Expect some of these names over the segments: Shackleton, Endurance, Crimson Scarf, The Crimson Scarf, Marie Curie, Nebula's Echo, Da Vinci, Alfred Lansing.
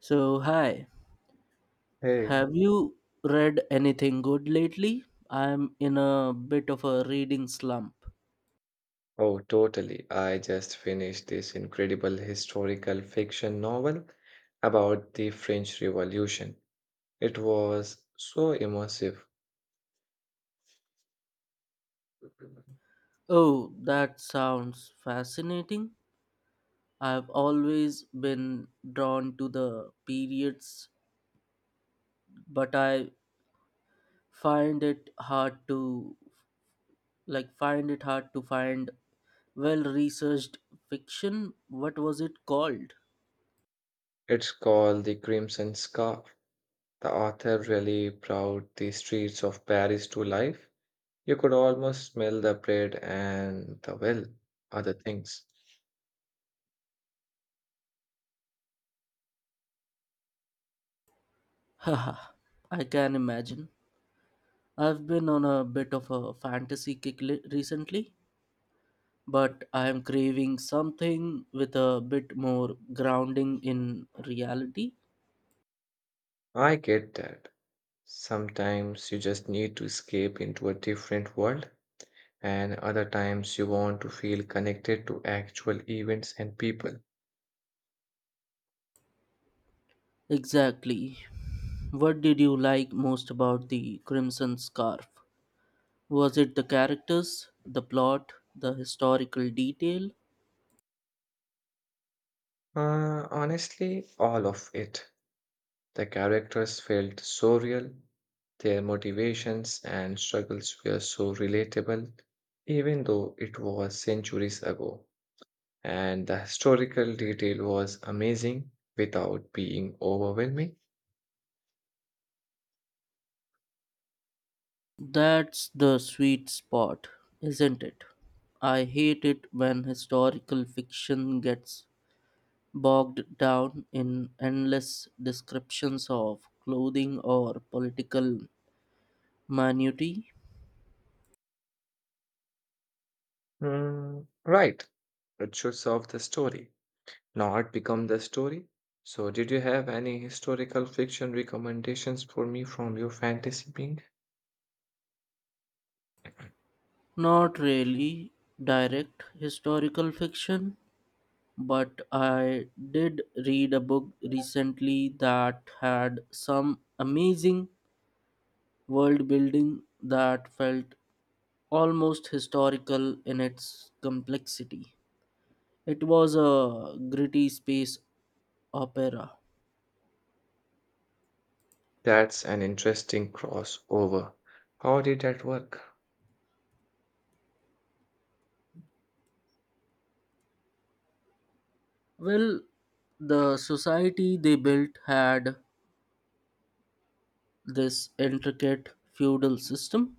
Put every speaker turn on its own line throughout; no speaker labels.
So, hi,
Hey,
have you read anything good lately? I'm in a bit of a reading slump.
oh, totally. I just finished this incredible historical fiction novel about the French Revolution. It was so immersive.
Oh, that sounds fascinating. I've always been drawn to the periods, but I find it hard to like find it hard to find well-researched fiction. What was it called?
It's called The Crimson Scarf. The author really brought the streets of Paris to life. You could almost smell the bread and the well, other things.
Haha, I can imagine. I've been on a bit of a fantasy recently. But I am craving something with a bit more grounding in reality.
I get that. Sometimes you just need to escape into a different world, and other times you want to feel connected to actual events and people.
Exactly. What did you like most about the Crimson Scarf? Was it the characters, the plot, the historical detail?
Honestly, all of it. The characters felt so real, their motivations and struggles were so relatable, even though it was centuries ago. And the historical detail was amazing without being overwhelming.
That's the sweet spot, isn't it? I hate it when historical fiction gets bogged down in endless descriptions of clothing or political minutiae.
Right, it should serve the story. Not become the story. So, did you have any historical fiction recommendations for me from your fantasy being?
Not really direct historical fiction, but I did read a book recently that had some amazing world building that felt almost historical in its complexity. It was a gritty space opera.
That's an interesting crossover. How did that work?
Well, the society they built had this intricate feudal system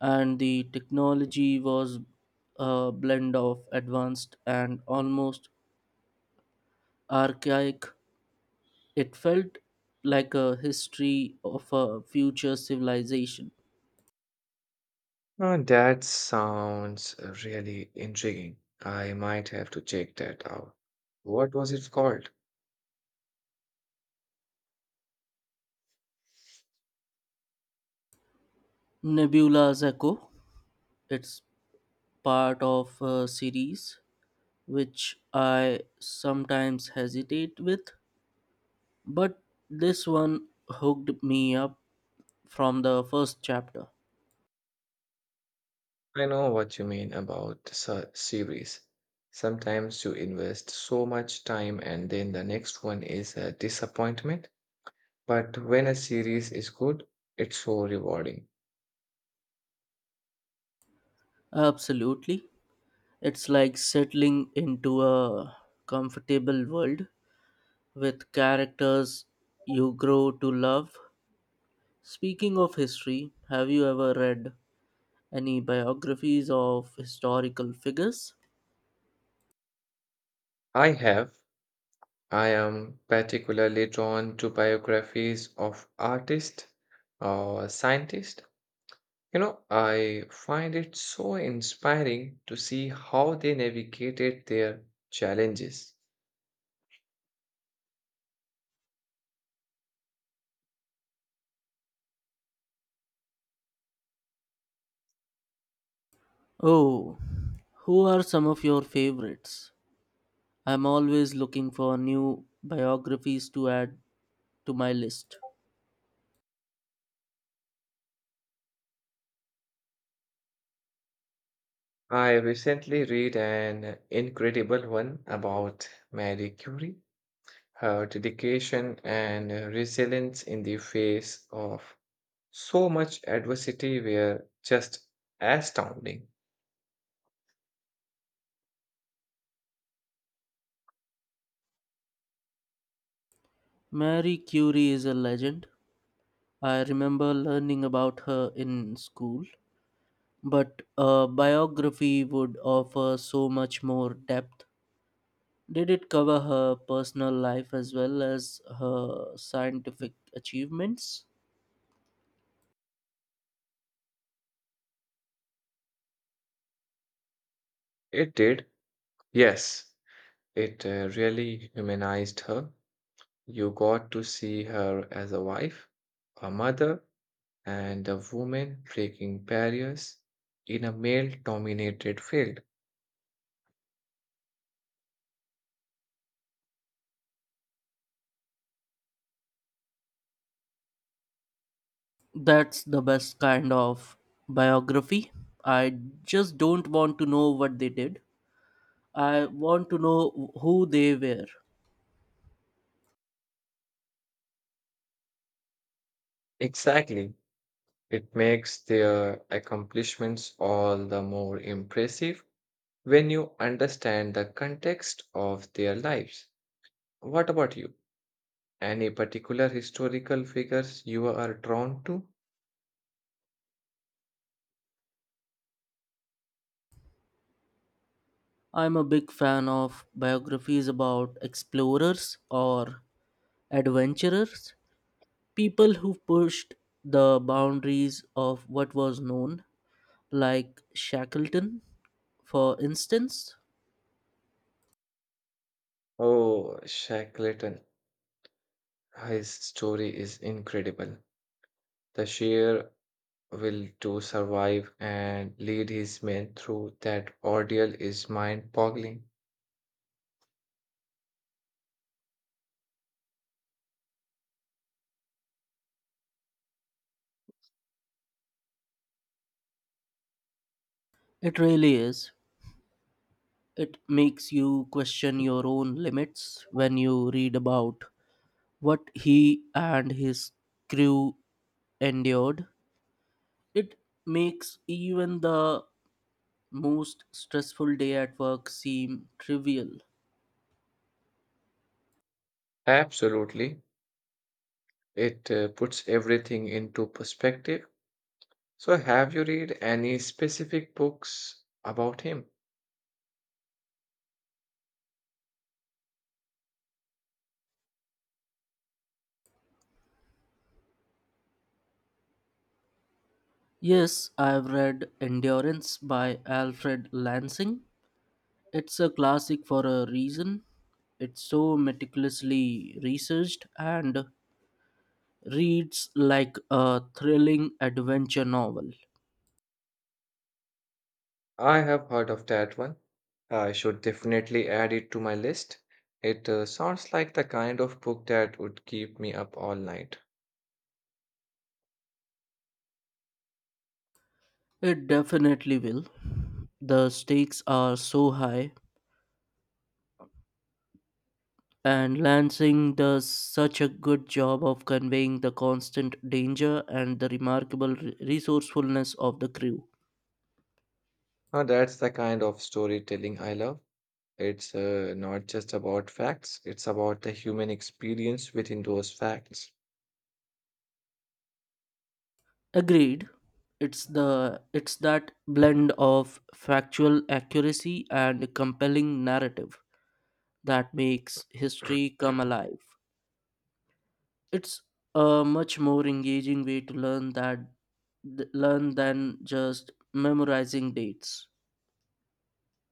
and the technology was a blend of advanced and almost archaic. It felt like a history of a future civilization.
That sounds really intriguing. I might have to check that out. What was it called?
Nebula's Echo, it's part of a series which I sometimes hesitate with, but this one hooked me up from the first chapter.
I know what you mean about series. Sometimes you invest so much time and then the next one is a disappointment, but when a series is good, it's so rewarding.
Absolutely. It's like settling into a comfortable world with characters you grow to love. Speaking of history, have you ever read any biographies of historical figures?
I have. I am particularly drawn to biographies of artists or scientists. You know, I find it so inspiring to see how they navigated their challenges.
Oh, who are some of your favorites? I'm always looking for new biographies to add to my list.
I recently read an incredible one about Marie Curie. Her dedication and resilience in the face of so much adversity were just astounding.
Marie Curie is a legend. I remember learning about her in school, but a biography would offer so much more depth. Did it cover her personal life as well as her scientific achievements?
It did, yes, it really humanized her. You got to see her as a wife, a mother, and a woman breaking barriers in a male dominated field.
That's the best kind of biography. I just don't want to know what they did. I want to know who they were.
Exactly. It makes their accomplishments all the more impressive when you understand the context of their lives. What about you? Any particular historical figures you are drawn to?
I'm a big fan of biographies about explorers or adventurers, people who pushed the boundaries of what was known, like Shackleton, for instance.
Oh, Shackleton. His story is incredible. The sheer will to survive and lead his men through that ordeal is mind-boggling.
It really is. It makes you question your own limits when you read about what he and his crew endured. It makes even the most stressful day at work seem trivial.
Absolutely. It puts everything into perspective. So, have you read any specific books about him?
Yes, I've read Endurance by Alfred Lansing. It's a classic for a reason. It's so meticulously researched and reads like a thrilling adventure novel.
I have heard of that one. I should definitely add it to my list. It sounds like the kind of book that would keep me up all night.
It definitely will. The stakes are so high, and Lansing does such a good job of conveying the constant danger and the remarkable resourcefulness of the crew.
Now, that's the kind of storytelling I love. It's not just about facts, it's about the human experience within those facts.
Agreed. It's that blend of factual accuracy and compelling narrative that makes history come alive. It's a much more engaging way to learn than just memorizing dates.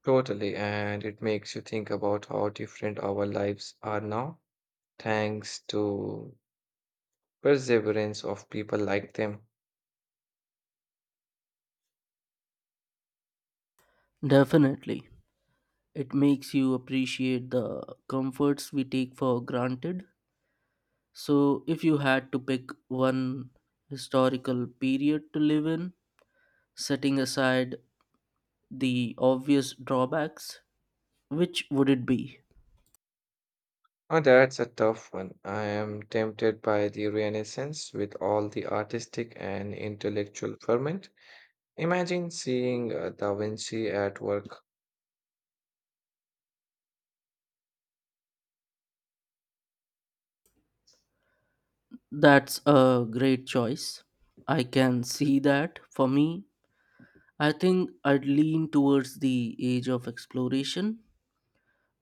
Totally, and it makes you think about how different our lives are now, thanks to perseverance of people like them.
Definitely. It makes you appreciate the comforts we take for granted. So, if you had to pick one historical period to live in, setting aside the obvious drawbacks, which would it be?
Oh, that's a tough one. I am tempted by the Renaissance with all the artistic and intellectual ferment. Imagine seeing Da Vinci at work.
That's a great choice. I can see that. For me, I think I'd lean towards the age of exploration.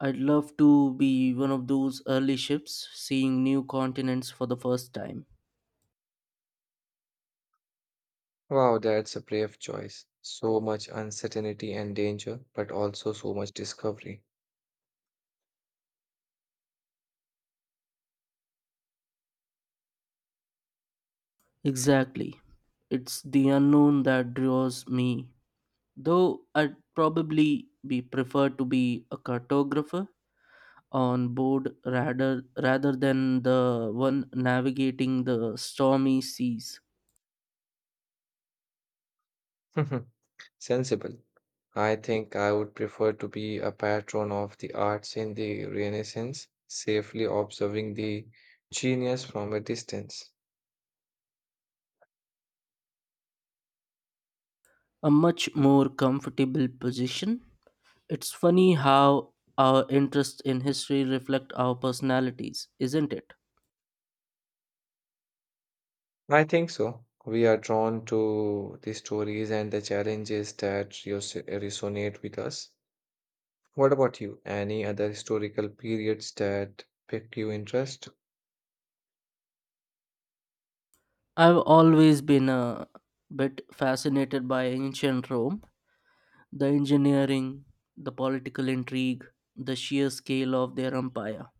I'd love to be one of those early ships seeing new continents for the first time.
Wow, that's a brave choice. So much uncertainty and danger, but also so much discovery.
Exactly. It's the unknown that draws me. Though I'd probably be prefer to be a cartographer on board rather than the one navigating the stormy seas.
Sensible. I think I would prefer to be a patron of the arts in the Renaissance, safely observing the genius from a distance.
A much more comfortable position. It's funny how our interest in history reflect our personalities, isn't it?
I think so. We are drawn to the stories and the challenges that resonate with us. What about you? Any other historical periods that pique your interest?
I've always been a bit fascinated by ancient Rome. The engineering, the political intrigue, the sheer scale of their empire.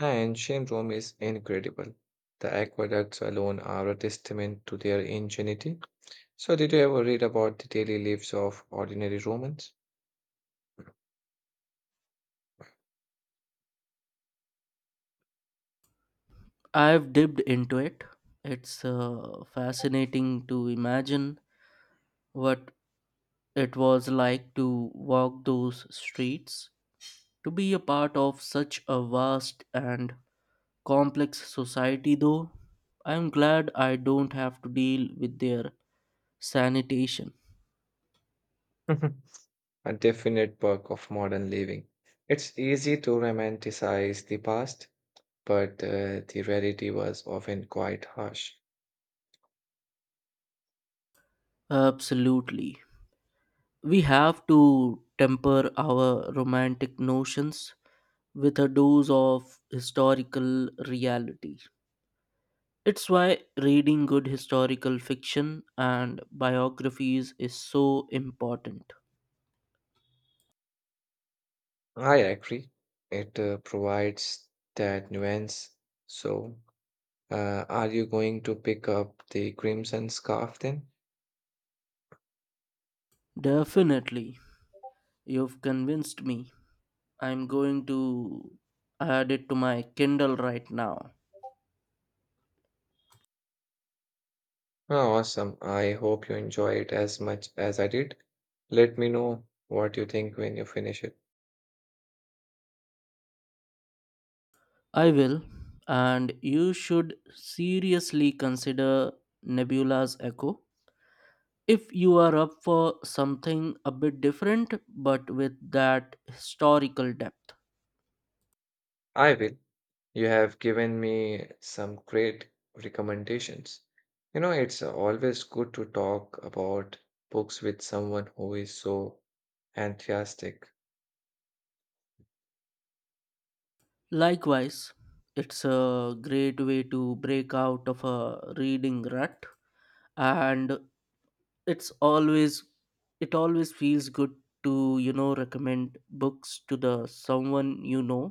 Ancient Rome is incredible. The aqueducts alone are a testament to their ingenuity. So, did you ever read about the daily lives of ordinary Romans?
I've dipped into it. It's fascinating to imagine what it was like to walk those streets. To be a part of such a vast and complex society, though, I'm glad I don't have to deal with their sanitation.
A definite perk of modern living. It's easy to romanticize the past, but the rarity was often quite harsh.
Absolutely. We have to temper our romantic notions with a dose of historical reality. It's why reading good historical fiction and biographies is so important.
I agree, it provides that nuance. So, are you going to pick up the Crimson Scarf then?
Definitely, you've convinced me. I'm going to add it to my Kindle right now.
Oh, awesome. I hope you enjoy it as much as I did. Let me know what you think when you finish it.
I will, and you should seriously consider Nebula's Echo. If you are up for something a bit different but with that historical depth.
I will. You have given me some great recommendations. You know, it's always good to talk about books with someone who is so enthusiastic.
Likewise, it's a great way to break out of a reading rut and it's always it always feels good to recommend books to the someone you know.